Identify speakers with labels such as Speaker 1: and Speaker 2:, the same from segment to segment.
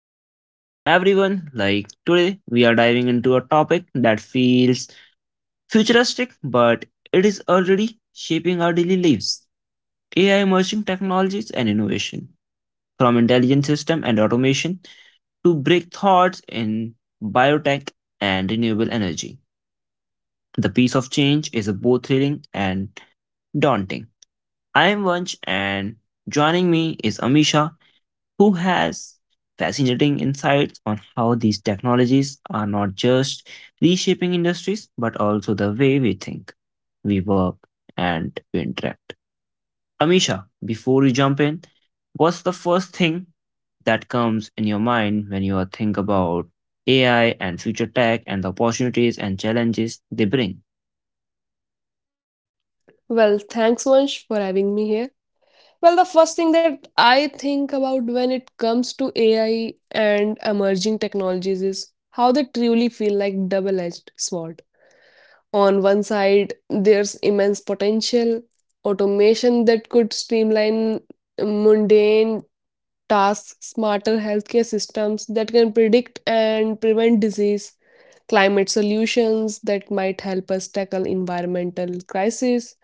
Speaker 1: podcast. Everyone, like today, we are diving into a topic that feels futuristic, but it is already shaping our daily lives. AI emerging technologies and innovation. From intelligent system and automation to break thoughts in biotech and renewable energy. The pace of change is both thrilling and daunting. I am Vanch, and joining me is Amisha, who has fascinating insights on how these technologies are not just reshaping industries, but also the way we think, we work, and we interact. Amisha, before we jump in, what's the first thing that comes in your mind when you are think about AI and future tech and the opportunities and challenges they bring?
Speaker 2: Well, thanks, Vansh, for having me here. Well, the first thing that I think about when it comes to AI and emerging technologies is how they truly feel like double-edged sword. On one side, there's immense potential, automation that could streamline mundane tasks, smarter healthcare systems that can predict and prevent disease, climate solutions that might help us tackle environmental crises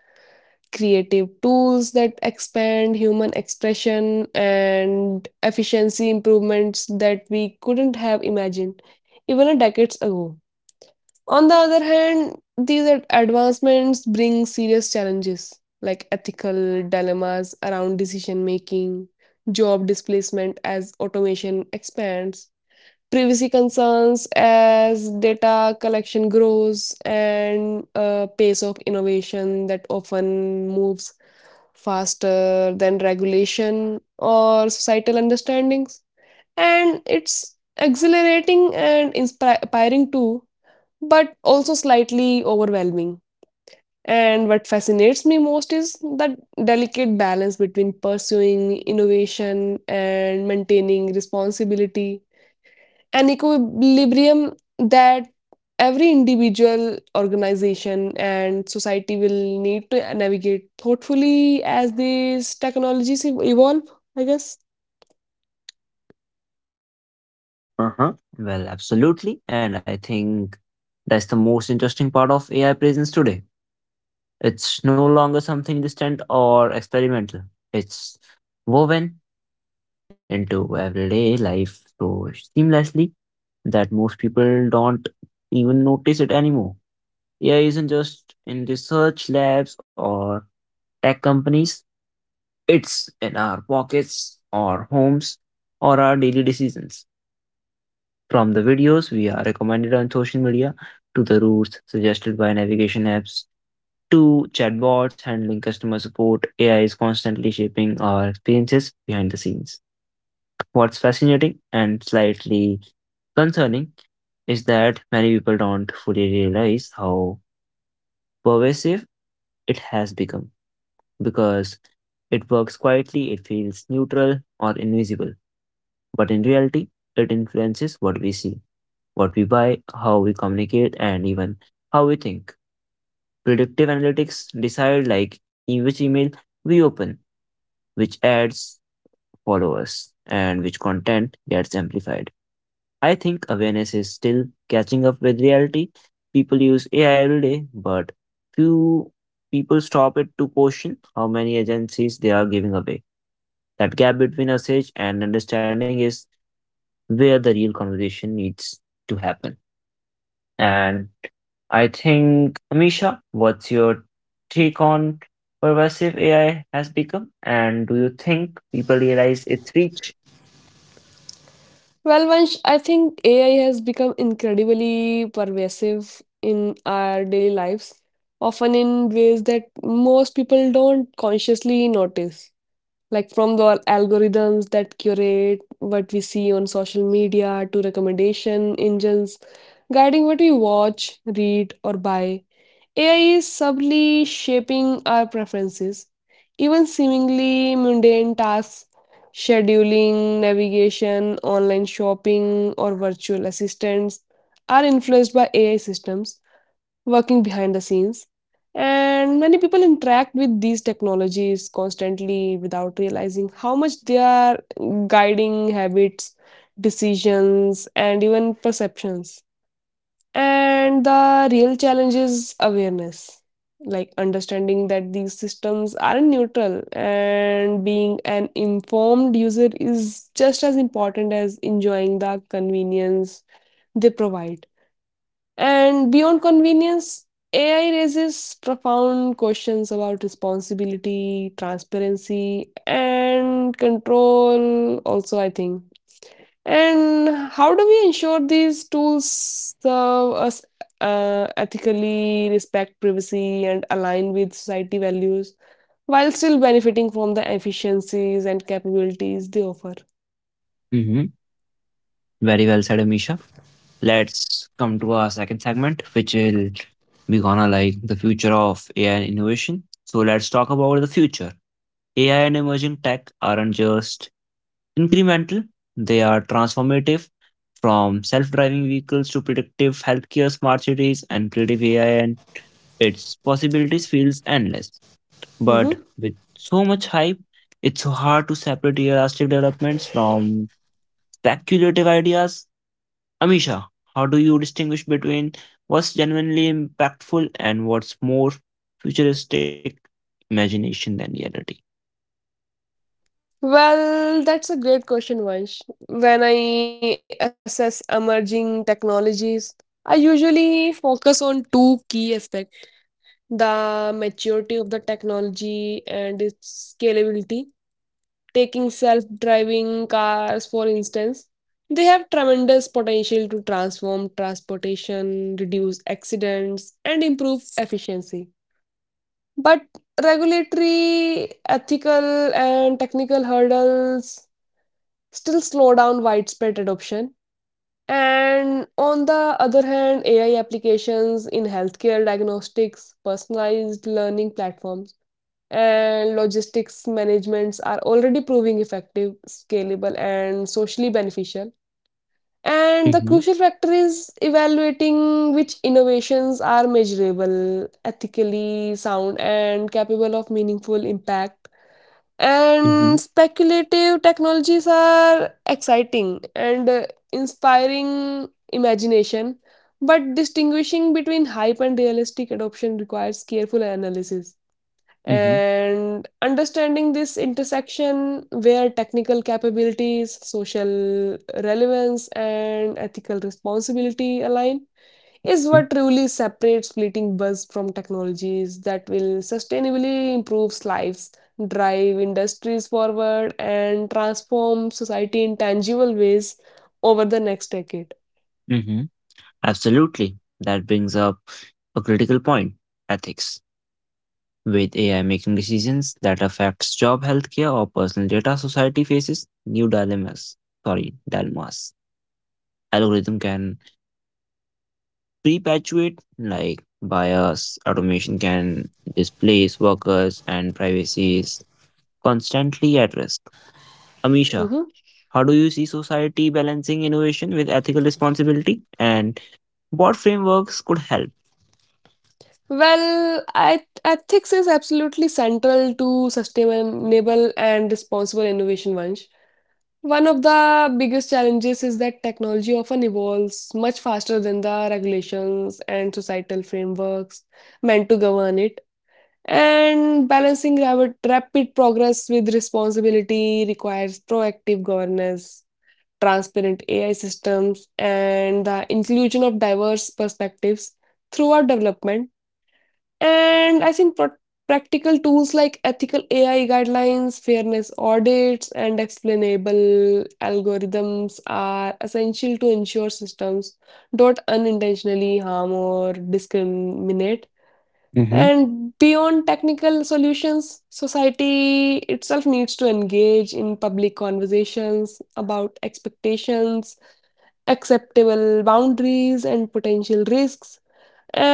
Speaker 2: creative tools that expand human expression and efficiency improvements that we couldn't have imagined even a decades ago. On the other hand, these advancements bring serious challenges like ethical dilemmas around decision making, job displacement as automation expands, privacy concerns as data collection grows, and a pace of innovation that often moves faster than regulation or societal understandings. And it's exhilarating and inspiring too, but also slightly overwhelming. And what fascinates me most is that delicate balance between pursuing innovation and maintaining responsibility an equilibrium that every individual, organization, and society will need to navigate thoughtfully as these technologies evolve, I guess.
Speaker 1: Uh-huh. Well, absolutely. And I think that's the most interesting part of AI presence today. It's no longer something distant or experimental. It's woven into everyday life so seamlessly that most people don't even notice it anymore. AI isn't just in research labs or tech companies, it's in our pockets, our homes, or our daily decisions. From the videos we are recommended on social media to the routes suggested by navigation apps to chatbots handling customer support, AI is constantly shaping our experiences behind the scenes. What's fascinating and slightly concerning is that many people don't fully realize how pervasive it has become. Because it works quietly, it feels neutral or invisible. But in reality, it influences what we see, what we buy, how we communicate, and even how we think. Predictive analytics decide which email we open, which ads followers and which content gets amplified. I think awareness is still catching up with reality. People use AI every day, but few people stop it to question how many agencies they are giving away. That gap between usage and understanding is where the real conversation needs to happen. And I think, Amisha, what's your take on pervasive AI has become? And do you think people realize its reach?
Speaker 2: Well, Vansh, I think AI has become incredibly pervasive in our daily lives, often in ways that most people don't consciously notice. Like from the algorithms that curate what we see on social media to recommendation engines guiding what we watch, read, or buy. AI is subtly shaping our preferences. Even seemingly mundane tasks, scheduling, navigation, online shopping, or virtual assistants, are influenced by AI systems working behind the scenes. And many people interact with these technologies constantly without realizing how much they are guiding habits, decisions, and even perceptions. And the real challenge is awareness, like understanding that these systems aren't neutral, and being an informed user is just as important as enjoying the convenience they provide. And beyond convenience, AI raises profound questions about responsibility, transparency, and control, also, I think. And how do we ensure these tools serve us ethically, respect privacy, and align with society values while still benefiting from the efficiencies and capabilities they offer?
Speaker 1: Very well said, Amisha. Let's come to our second segment, which will be gonna like the future of AI and innovation. So let's talk about the future. AI and emerging tech aren't just incremental, they are transformative from self-driving vehicles to predictive healthcare, smart cities, and creative AI and its possibilities feels endless. But
Speaker 2: Mhm.
Speaker 1: with so much hype, it's so hard to separate realistic developments from speculative ideas. Amisha, how do you distinguish between what's genuinely impactful and what's more futuristic imagination than reality?
Speaker 2: Well, that's a great question, Vansh. When I assess emerging technologies, I usually focus on two key aspects the maturity of the technology and its scalability. Taking self driving cars, for instance, they have tremendous potential to transform transportation, reduce accidents, and improve efficiency. But regulatory, ethical, and technical hurdles still slow down widespread adoption. And on the other hand, AI applications in healthcare diagnostics, personalized learning platforms, and logistics managements are already proving effective, scalable, and socially beneficial. And the
Speaker 1: Mm-hmm,
Speaker 2: crucial factor is evaluating which innovations are measurable, ethically sound, and capable of meaningful impact
Speaker 1: mm-hmm,
Speaker 2: and speculative technologies are exciting and inspiring imagination but distinguishing between hype and realistic adoption requires careful analysis and understanding this intersection where technical capabilities social relevance and ethical responsibility align is
Speaker 1: mm-hmm,
Speaker 2: what truly separates fleeting buzz from technologies that will sustainably improve lives, drive industries forward, and transform society in tangible ways over the next decade.
Speaker 1: mm-hmm. Absolutely. That brings up a critical point, ethics. With AI making decisions that affects job, healthcare, or personal data, society faces new dilemmas. Sorry, dilemmas. Algorithm can perpetuate, like, bias automation can displace workers and privacy is constantly at risk. Amisha,
Speaker 2: Mhm.
Speaker 1: how do you see society balancing innovation with ethical responsibility and what frameworks could help?
Speaker 2: Well, ethics is absolutely central to sustainable and responsible innovation, Vansh. One of the biggest challenges is that technology often evolves much faster than the regulations and societal frameworks meant to govern it. And balancing rapid progress with responsibility requires proactive governance, transparent AI systems, and the inclusion of diverse perspectives throughout development. And I think practical tools like ethical AI guidelines, fairness audits, and explainable algorithms are essential to ensure systems don't unintentionally harm or discriminate.
Speaker 1: Mm-hmm.
Speaker 2: And beyond technical solutions, society itself needs to engage in public conversations about expectations, acceptable boundaries, and potential risks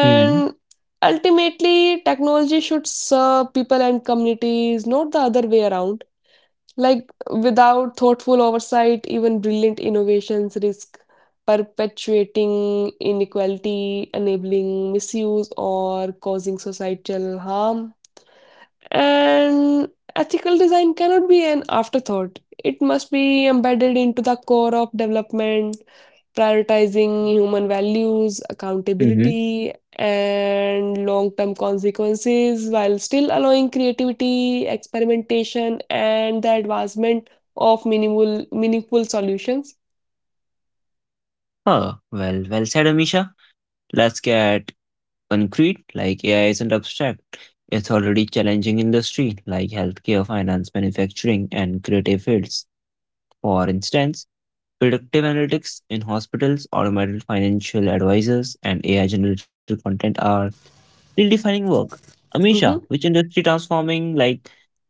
Speaker 1: Hmm.
Speaker 2: ultimately, technology should serve people and communities, not the other way around. Like, without thoughtful oversight, even brilliant innovations risk perpetuating inequality, enabling misuse, or causing societal harm. And ethical design cannot be an afterthought, it must be embedded into the core of development prioritizing human values,
Speaker 1: Hmm.
Speaker 2: accountability, and long term consequences while still allowing creativity, experimentation, and the advancement of minimal meaningful solutions.
Speaker 1: Oh, well, well said, Amisha. Let's get concrete. Like AI isn't abstract. It's already challenging industry like healthcare, finance, manufacturing, and creative fields. For instance, predictive analytics in hospitals, automated financial advisors, and AI generated content are redefining work. Amisha,
Speaker 2: Mhm.
Speaker 1: which industry transforming like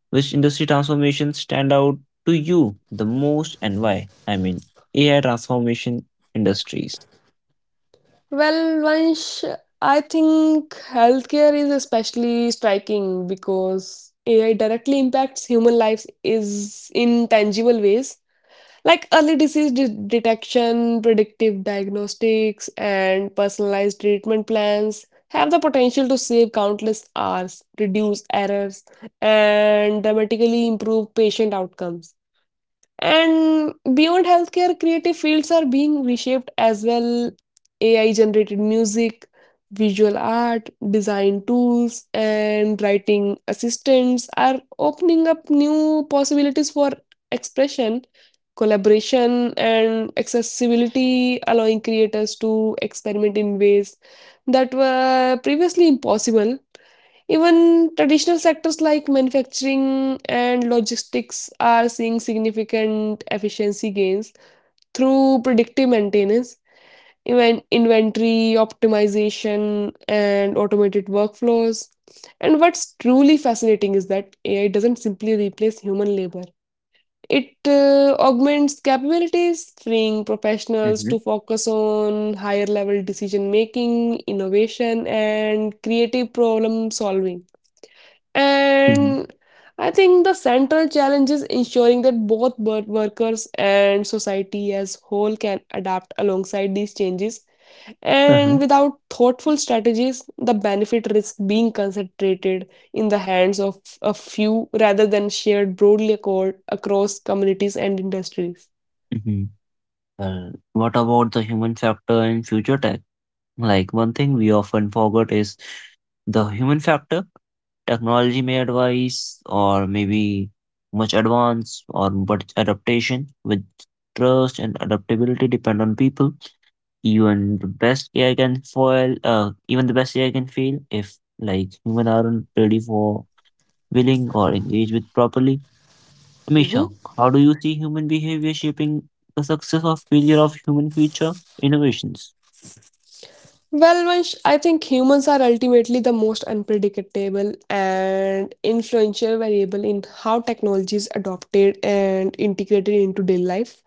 Speaker 1: which industry transformations stand out to you the most and why? I mean, AI transformation industries.
Speaker 2: Well, Vansh, I think healthcare is especially striking because AI directly impacts human lives is in tangible ways like early disease detection, predictive diagnostics, and personalized treatment plans have the potential to save countless hours, reduce errors, and dramatically improve patient outcomes. And beyond healthcare, creative fields are being reshaped as well. AI generated music, visual art, design tools, and writing assistants are opening up new possibilities for expression, collaboration, and accessibility, allowing creators to experiment in ways that were previously impossible. Even traditional sectors like manufacturing and logistics are seeing significant efficiency gains through predictive maintenance, even inventory optimization, and automated workflows. And what's truly fascinating is that AI doesn't simply replace human labor. It augments capabilities, freeing professionals
Speaker 1: Mm-hmm.
Speaker 2: to focus on higher level decision making, innovation, and creative problem solving.
Speaker 1: Mm-hmm.
Speaker 2: And I think the central challenge is ensuring that both bird workers and society as whole can adapt alongside these changes.
Speaker 1: Uh-huh.
Speaker 2: And without thoughtful strategies, the benefit risks being concentrated in the hands of a few rather than shared broadly accord across communities and industries.
Speaker 1: Hmm. Well, what about the human factor in future tech? Like one thing we often forget is the human factor. Technology may advise or maybe much advance or but adaptation with trust and adaptability depend on people. Even the best AI can fail if like human aren't ready for willing or engage with properly.
Speaker 2: Mhm.
Speaker 1: Misha, how do you see human behavior shaping the success or failure of human future innovations?
Speaker 2: Well, Vansh, I think humans are ultimately the most unpredictable and influential variable in how technology is adopted and integrated into daily life.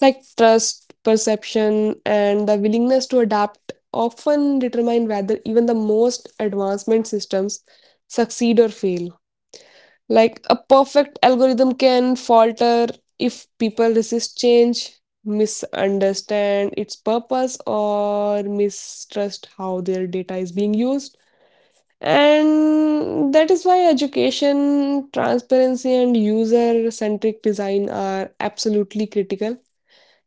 Speaker 2: Like trust, perception, and the willingness to adapt often determine whether even the most advancement systems succeed or fail. Like a perfect algorithm can falter if people resist change, misunderstand its purpose, or mistrust how their data is being used. And that is why education, transparency, and user centric design are absolutely critical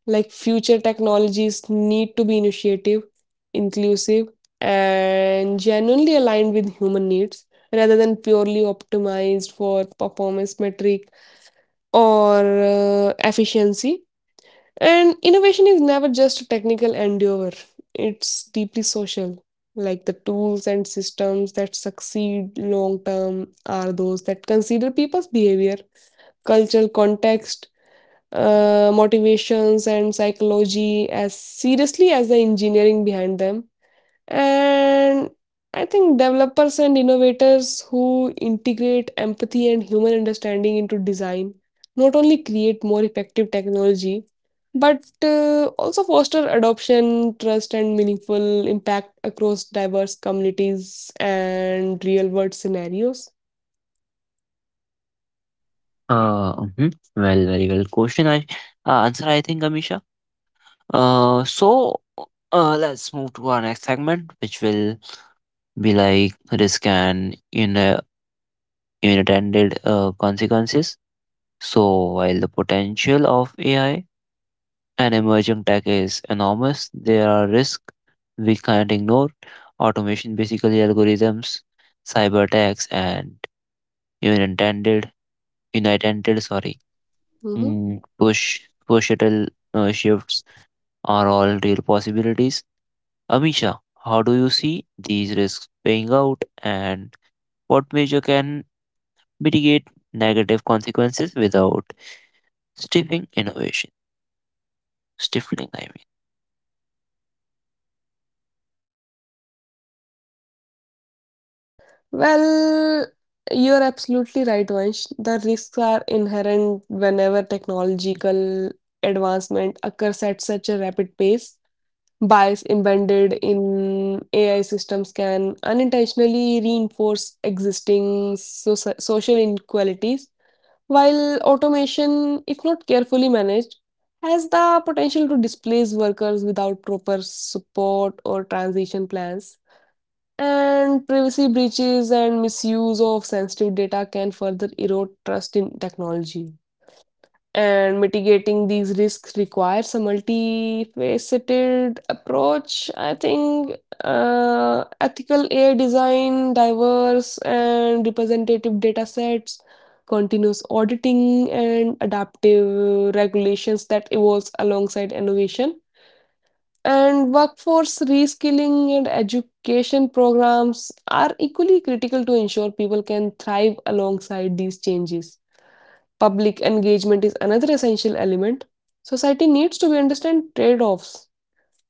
Speaker 2: like future technologies need to be initiative, inclusive, and genuinely aligned with human needs rather than purely optimized for performance metric or efficiency. And innovation is never just a technical endeavor, it's deeply social. Like the tools and systems that succeed long term are those that consider people's behavior, cultural context, motivations and psychology as seriously as the engineering behind them. And I think developers and innovators who integrate empathy and human understanding into design not only create more effective technology but also foster adoption, trust, and meaningful impact across diverse communities and real world scenarios.
Speaker 1: Mhm. Well, very well. Question I answer I think Amisha. Uh, so let's move to our next segment, which will be like risk and in unintended consequences. So while the potential of AI and emerging tech is enormous, there are risks we can't ignore. Automation, basically algorithms, cyber attacks, and unintended, unintended, sorry,
Speaker 2: Mhm.
Speaker 1: mm, push push shuttle shifts are all real possibilities. Amisha, how do you see these risks paying out and what measure can mitigate negative consequences without stifling innovation? Stifling, I
Speaker 2: Well, you're absolutely right, Vansh. The risks are inherent whenever technological advancement occurs at such a rapid pace. Bias embedded in AI systems can unintentionally reinforce existing social inequalities, while automation, if not carefully managed, has the potential to displace workers without proper support or transition plans. And privacy breaches and misuse of sensitive data can further erode trust in technology. And mitigating these risks requires a multifaceted approach. I think ethical AI design, diverse and representative data sets, continuous auditing, and adaptive regulations that evolves alongside innovation and workforce reskilling and education programs are equally critical to ensure people can thrive alongside these changes. Public engagement is another essential element. Society needs to understand trade offs,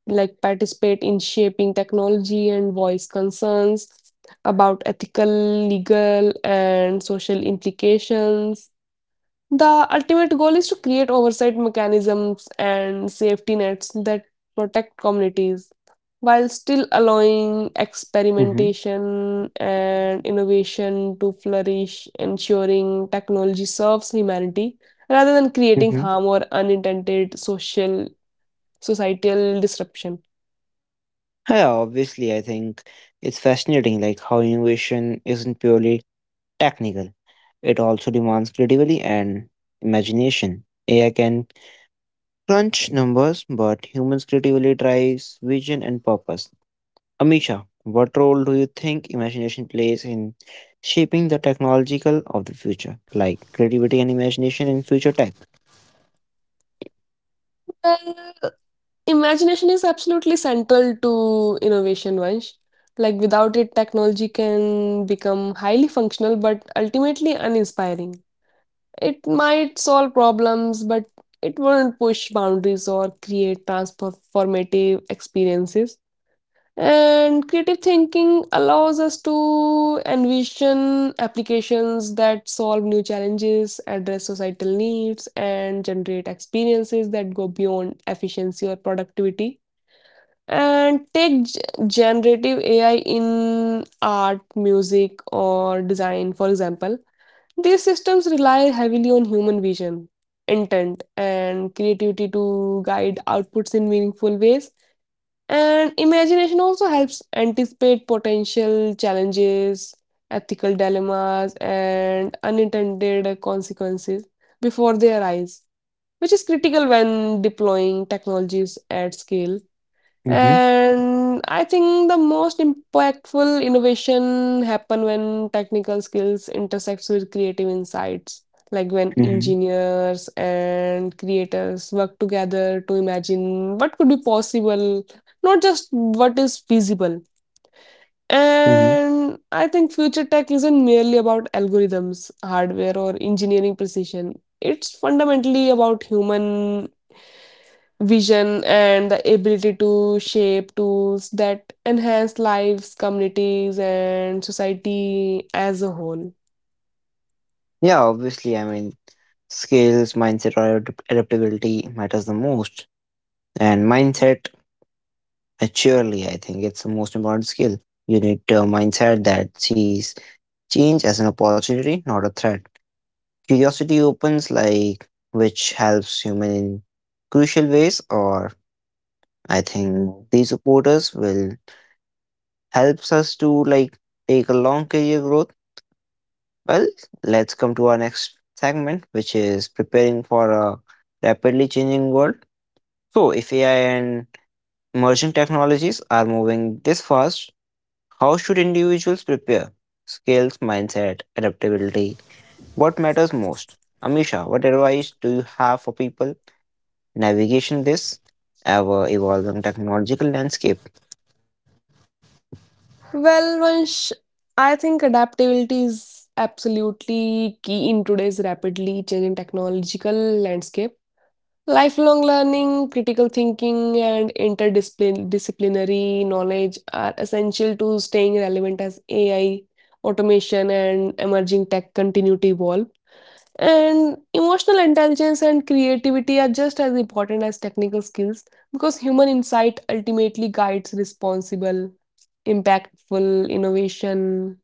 Speaker 2: like participate in shaping technology and voice concerns about ethical, legal, and social implications. The ultimate goal is to create oversight mechanisms and safety nets that protect communities while still allowing
Speaker 1: mean.
Speaker 2: experimentation and innovation to flourish, ensuring technology serves humanity rather than creating
Speaker 1: Mm-hmm. Mm-hmm.
Speaker 2: harm or unintended social societal disruption.
Speaker 1: Yeah, obviously, I think it's fascinating, like how innovation isn't purely technical. It also demands creativity and imagination. AI can crunch numbers, but humans' creativity drives vision and purpose. Amisha, what role do you think imagination plays in shaping the technological of the future, like creativity and imagination in future tech?
Speaker 2: Well, Imagination is absolutely central to innovation, Vansh. Like without it, technology can become highly functional but ultimately uninspiring. It might solve problems, but it won't push boundaries or create transformative experiences. And creative thinking allows us to envision applications that solve new challenges, address societal needs, and generate experiences that go beyond efficiency or productivity. And take generative AI in art, music, or design, for example. These systems rely heavily on human vision, intent, and creativity to guide outputs in meaningful ways. And imagination also helps anticipate potential challenges, ethical dilemmas, and unintended consequences before they arise, which is critical when deploying technologies at scale.
Speaker 1: Mm-hmm,
Speaker 2: And I think the most impactful innovation happen when technical skills intersects with creative insights, like when
Speaker 1: mm-hmm,
Speaker 2: engineers and creators work together to imagine what could be possible, not just what is feasible.
Speaker 1: mm-hmm.
Speaker 2: And I think future tech isn't merely about algorithms, hardware, or engineering precision. It's fundamentally about human vision and the ability to shape tools that enhance lives, communities, and society as a whole.
Speaker 1: Yeah, obviously, I mean, skills, mindset, or adaptability matters the most. And mindset, surely, I think it's the most important skill. You need a mindset that sees change as an opportunity, not a threat. Curiosity opens, like, which helps human in crucial ways, or I think these supporters will helps us to like take a long career growth. Well, let's come to our next segment, which is preparing for a rapidly changing world. So, if AI and emerging technologies are moving this fast, how should individuals prepare? Skills, mindset, adaptability. What matters most? Amisha, what advice do you have for people navigation this ever evolving technological landscape?
Speaker 2: Well, Vansh, I think adaptability is absolutely key in today's rapidly changing technological landscape. Lifelong learning, critical thinking, and interdisciplinary knowledge are essential to staying relevant as AI, automation, and emerging tech continue to evolve. And emotional intelligence and creativity are just as important as technical skills because human insight ultimately guides responsible, impactful innovation.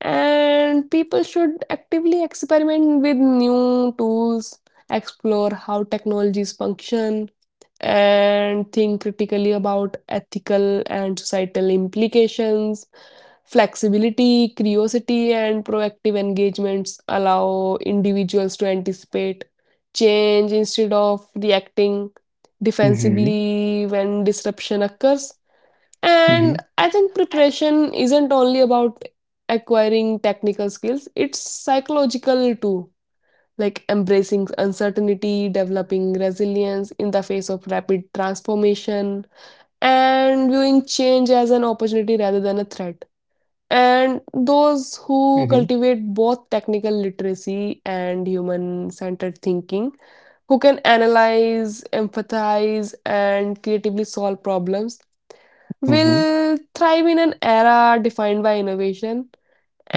Speaker 2: And people should actively experiment with new tools, explore how technologies function, and think critically about ethical and societal implications. Flexibility, curiosity, and proactive engagements allow individuals to anticipate change instead of reacting
Speaker 1: Mm-hmm.
Speaker 2: defensively when disruption occurs. And I think preparation isn't only about acquiring technical skills, it's psychological too, like embracing uncertainty, developing resilience in the face of rapid transformation, and viewing change as an opportunity rather than a threat. And those who
Speaker 1: Mm-hmm.
Speaker 2: cultivate both technical literacy and human centered thinking, who can analyze, empathize, and creatively solve problems,
Speaker 1: Mm-hmm.
Speaker 2: will thrive in an era defined by innovation.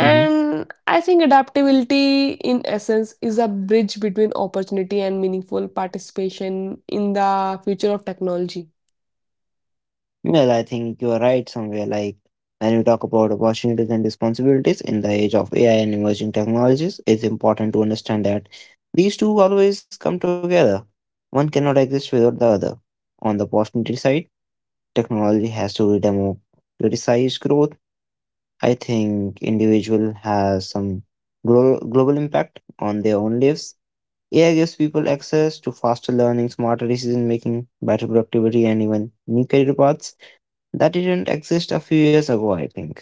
Speaker 1: Mm-hmm.
Speaker 2: I think adaptability, in essence, is a bridge between opportunity and meaningful participation in the future of technology.
Speaker 1: Well, I think you are right somewhere. Like when we talk about opportunities and responsibilities in the age of AI and emerging technologies, it's important to understand that these two always come together. One cannot exist without the other. On the opportunity side, technology has to democratize growth. I think individual has some global impact on their own lives. AI gives people access to faster learning, smarter decision making, better productivity, and even new career paths that didn't exist a few years ago, I think.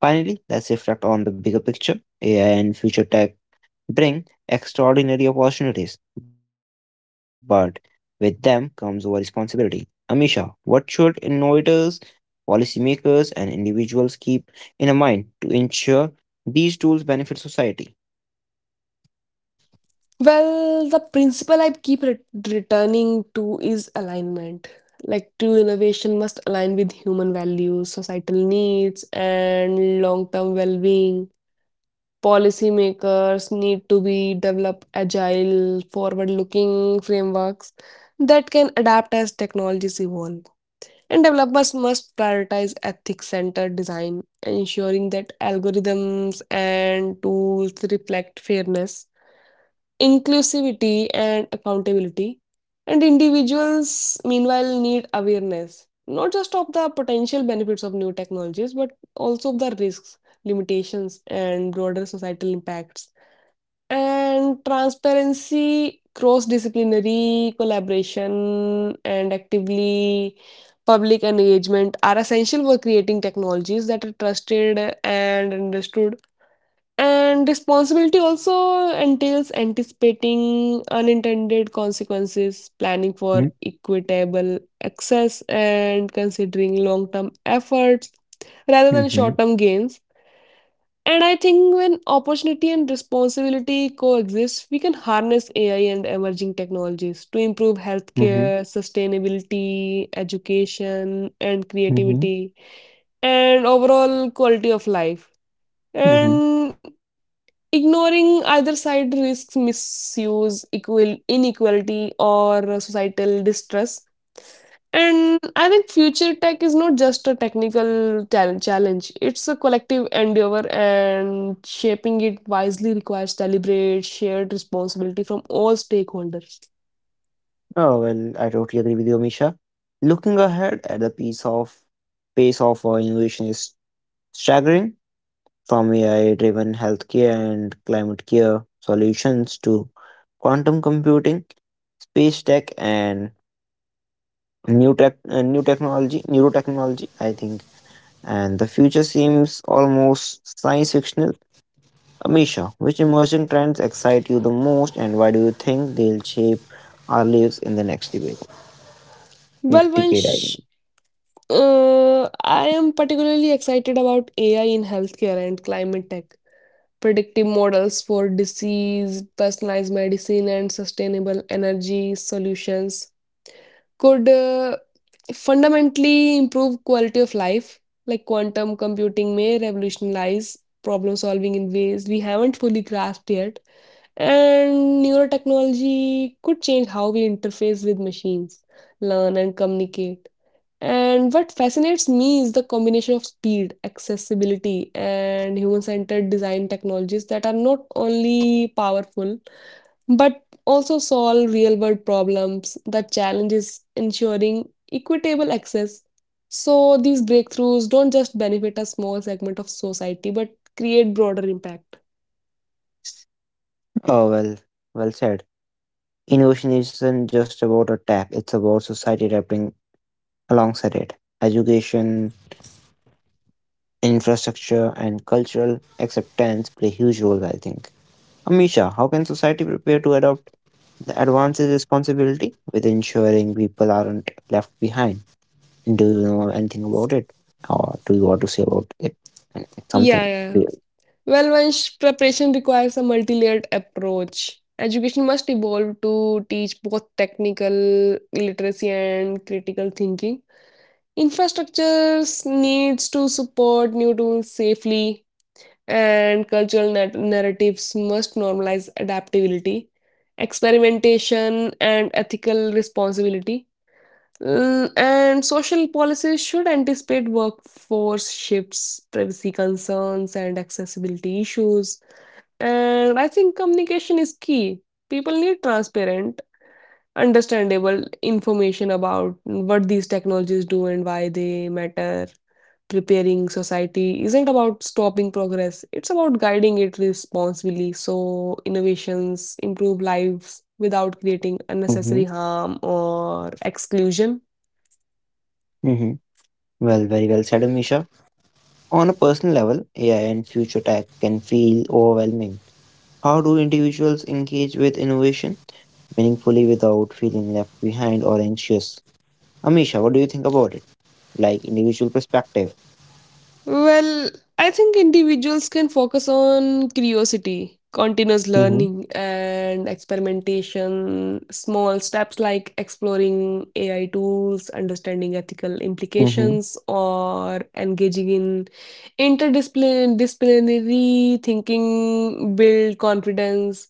Speaker 1: Finally, let's reflect on the bigger picture. AI and future tech bring extraordinary opportunities, but with them comes our responsibility. Amisha, what should innovators, policymakers, and individuals keep in mind to ensure these tools benefit society?
Speaker 2: Well, the principle I keep returning to is alignment. Like true innovation must align with human values, societal needs, and long term well being. Policymakers need to be develop agile, forward looking frameworks that can adapt as technologies evolve. And developers must prioritize ethics centered design, ensuring that algorithms and tools reflect fairness, inclusivity, and accountability. And individuals, meanwhile, need awareness not just of the potential benefits of new technologies, but also of the risks, limitations, and broader societal impacts. And transparency, cross disciplinary collaboration, and actively public engagement are essential for creating technologies that are trusted and understood, and responsibility also entails anticipating unintended consequences, planning for
Speaker 1: Mm-hmm,
Speaker 2: equitable access, and considering long term efforts rather than
Speaker 1: mm-hmm,
Speaker 2: short term gains. And I think when opportunity and responsibility coexist, we can harness AI and emerging technologies to improve healthcare, sustainability, education, and
Speaker 1: mm-hmm,
Speaker 2: creativity, and overall quality of life.
Speaker 1: mm-hmm.
Speaker 2: And ignoring either side risks misuse, equal inequality, or societal distress. And I think future tech is not just a technical challenge, it's a collective endeavor, and shaping it wisely requires deliberate, shared responsibility from all stakeholders.
Speaker 1: Oh, well, I totally agree with you, Amisha. Looking ahead at the piece of pace of innovation is staggering. From AI driven healthcare and climate care solutions to quantum computing, space tech, and new technology, neurotechnology, I think. And the future seems almost science fictional. Amisha, which emerging trends excite you the most, and why do you think they'll shape our lives in the next debate?
Speaker 2: Well,
Speaker 1: Next decade, I
Speaker 2: Vansh,
Speaker 1: mean.
Speaker 2: I am particularly excited about AI in healthcare and climate tech predictive models for disease, personalized medicine, and sustainable energy solutions could fundamentally improve quality of life. Like quantum computing may revolutionize problem solving in ways we haven't fully grasped yet, and neurotechnology could change how we interface with machines, learn, and communicate. And what fascinates me is the combination of speed, accessibility, and human centered design technologies that are not only powerful but also solve real world problems. The challenge is ensuring equitable access. So these breakthroughs don't just benefit a small segment of society but create broader impact.
Speaker 1: Oh well, well said. Innovation isn't just about a tech; it's about society adapting alongside it. Education, infrastructure and cultural acceptance play huge roles, I think. Amisha, how can society prepare to adopt the advances responsibility with ensuring people aren't left behind? Do you know anything about it? Or do you want to say about it? Anything-
Speaker 2: Yeah,
Speaker 1: something
Speaker 2: yeah.
Speaker 1: real.
Speaker 2: Well, Vansh, preparation requires a multi-layered approach. Education must evolve to teach both technical literacy and critical thinking. Infrastructures needs to support new tools safely, and cultural narratives must normalize adaptability, experimentation, and ethical responsibility. And social policies should anticipate workforce shifts, privacy concerns, and accessibility issues. And I think communication is key. People need transparent, understandable information about what these technologies do and why they matter. Preparing society isn't about stopping progress, it's about guiding it responsibly so innovations improve lives without creating
Speaker 1: Mm-hmm.
Speaker 2: unnecessary harm or exclusion.
Speaker 1: Mm-hmm. Well, very well said, Amisha. On a personal level, AI and future tech can feel overwhelming. How do individuals engage with innovation meaningfully without feeling left behind or anxious? Amisha, what do you think about it? Like individual perspective.
Speaker 2: Well, I think individuals can focus on curiosity, continuous
Speaker 1: Mm-hmm.
Speaker 2: learning, and experimentation. Small steps like exploring AI tools, understanding ethical
Speaker 1: Mm-hmm.
Speaker 2: implications, or engaging in interdisciplinary thinking build confidence.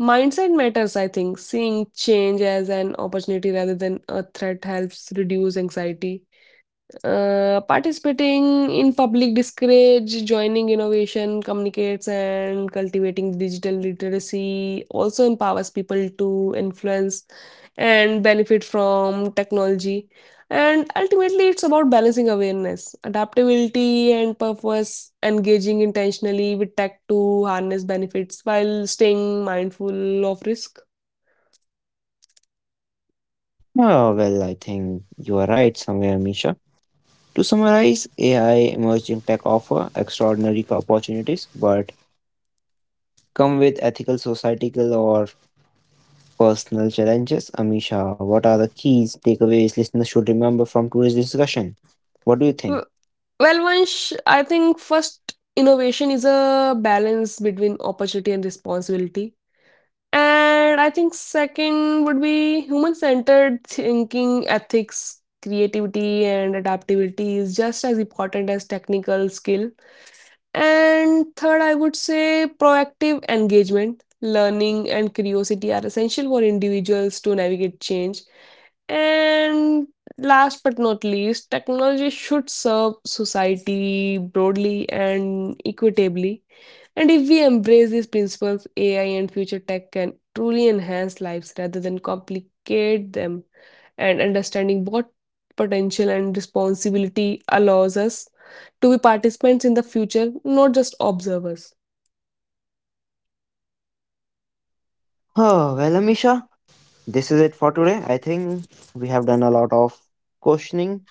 Speaker 2: Mindset matters, I think. Seeing change as an opportunity rather than a threat helps reduce anxiety, participating in public discourage, joining innovation, communicates, and cultivating digital literacy also empowers people to influence and benefit from technology. And ultimately, it's about balancing awareness, adaptability, and purpose, engaging intentionally with tech to harness benefits while staying mindful of risk.
Speaker 1: Oh, well, I think you are right somewhere, Misha. To summarize, AI emerging tech offer extraordinary opportunities, but come with ethical, societal, or personal challenges. Amisha, what are the keys takeaways listeners should remember from today's discussion? What do you think?
Speaker 2: Well, Vansh, I think first innovation is a balance between opportunity and responsibility. And I think second would be human centered thinking, ethics, creativity, and adaptability is just as important as technical skill. And third, I would say proactive engagement. Learning and curiosity are essential for individuals to navigate change. And last but not least, technology should serve society broadly and equitably. And if we embrace these principles, AI and future tech can truly enhance lives rather than complicate them. And understanding what potential and responsibility allows us to be participants in the future, not just observers.
Speaker 1: Oh, well, Amisha, this is it for today. I think we have done a lot of questioning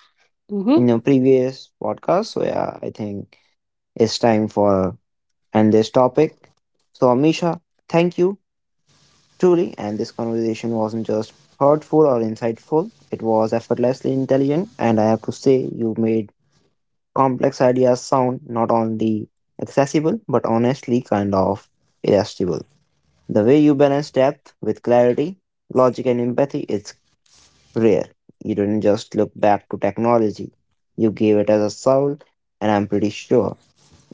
Speaker 2: Mm-hmm.
Speaker 1: in the previous podcast. So, yeah, I think it's time for and this topic. So, Amisha, thank you truly. And this conversation wasn't just thoughtful or insightful, it was effortlessly intelligent. And I have to say, you made complex ideas sound not only accessible, but honestly kind of irresistible. The way you balance depth with clarity, logic, and empathy is rare. You didn't just look back to technology, you gave it as a soul, and I'm pretty sure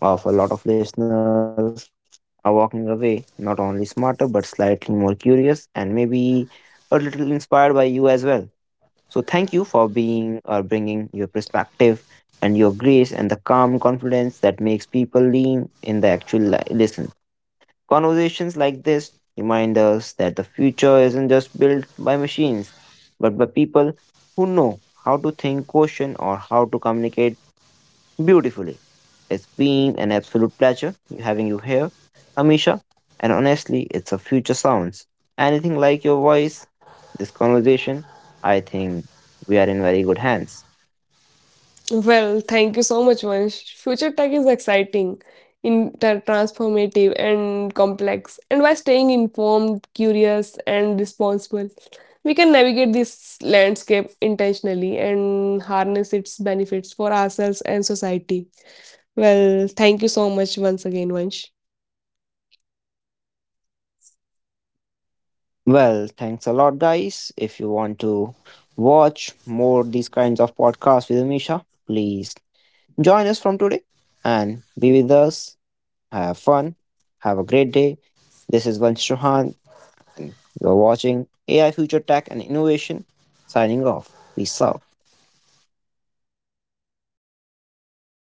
Speaker 1: of a lot of listeners are walking away not only smarter but slightly more curious and maybe a little inspired by you as well. So thank you for being or bringing your perspective and your grace and the calm confidence that makes people lean in the actual listen. Conversations like this remind us that the future isn't just built by machines, but by people who know how to think, question, or how to communicate beautifully. It's been an absolute pleasure having you here, Amisha. And honestly, it's a future sounds. Anything like your voice, this conversation, I think we are in very good hands.
Speaker 2: Well, thank you so much, Vansh. Future tech is exciting, inter transformative, and complex. And by staying informed, curious, and responsible, we can navigate this landscape intentionally and harness its benefits for ourselves and society. Well, thank you so much once again, Vansh.
Speaker 1: Well, thanks a lot, guys. If you want to watch more these kinds of podcasts with Amisha, please join us from today and be with us. Have fun. Have a great day. This is Vansh Chauhan and you're watching AI Future Tech and Innovation signing off. Peace out.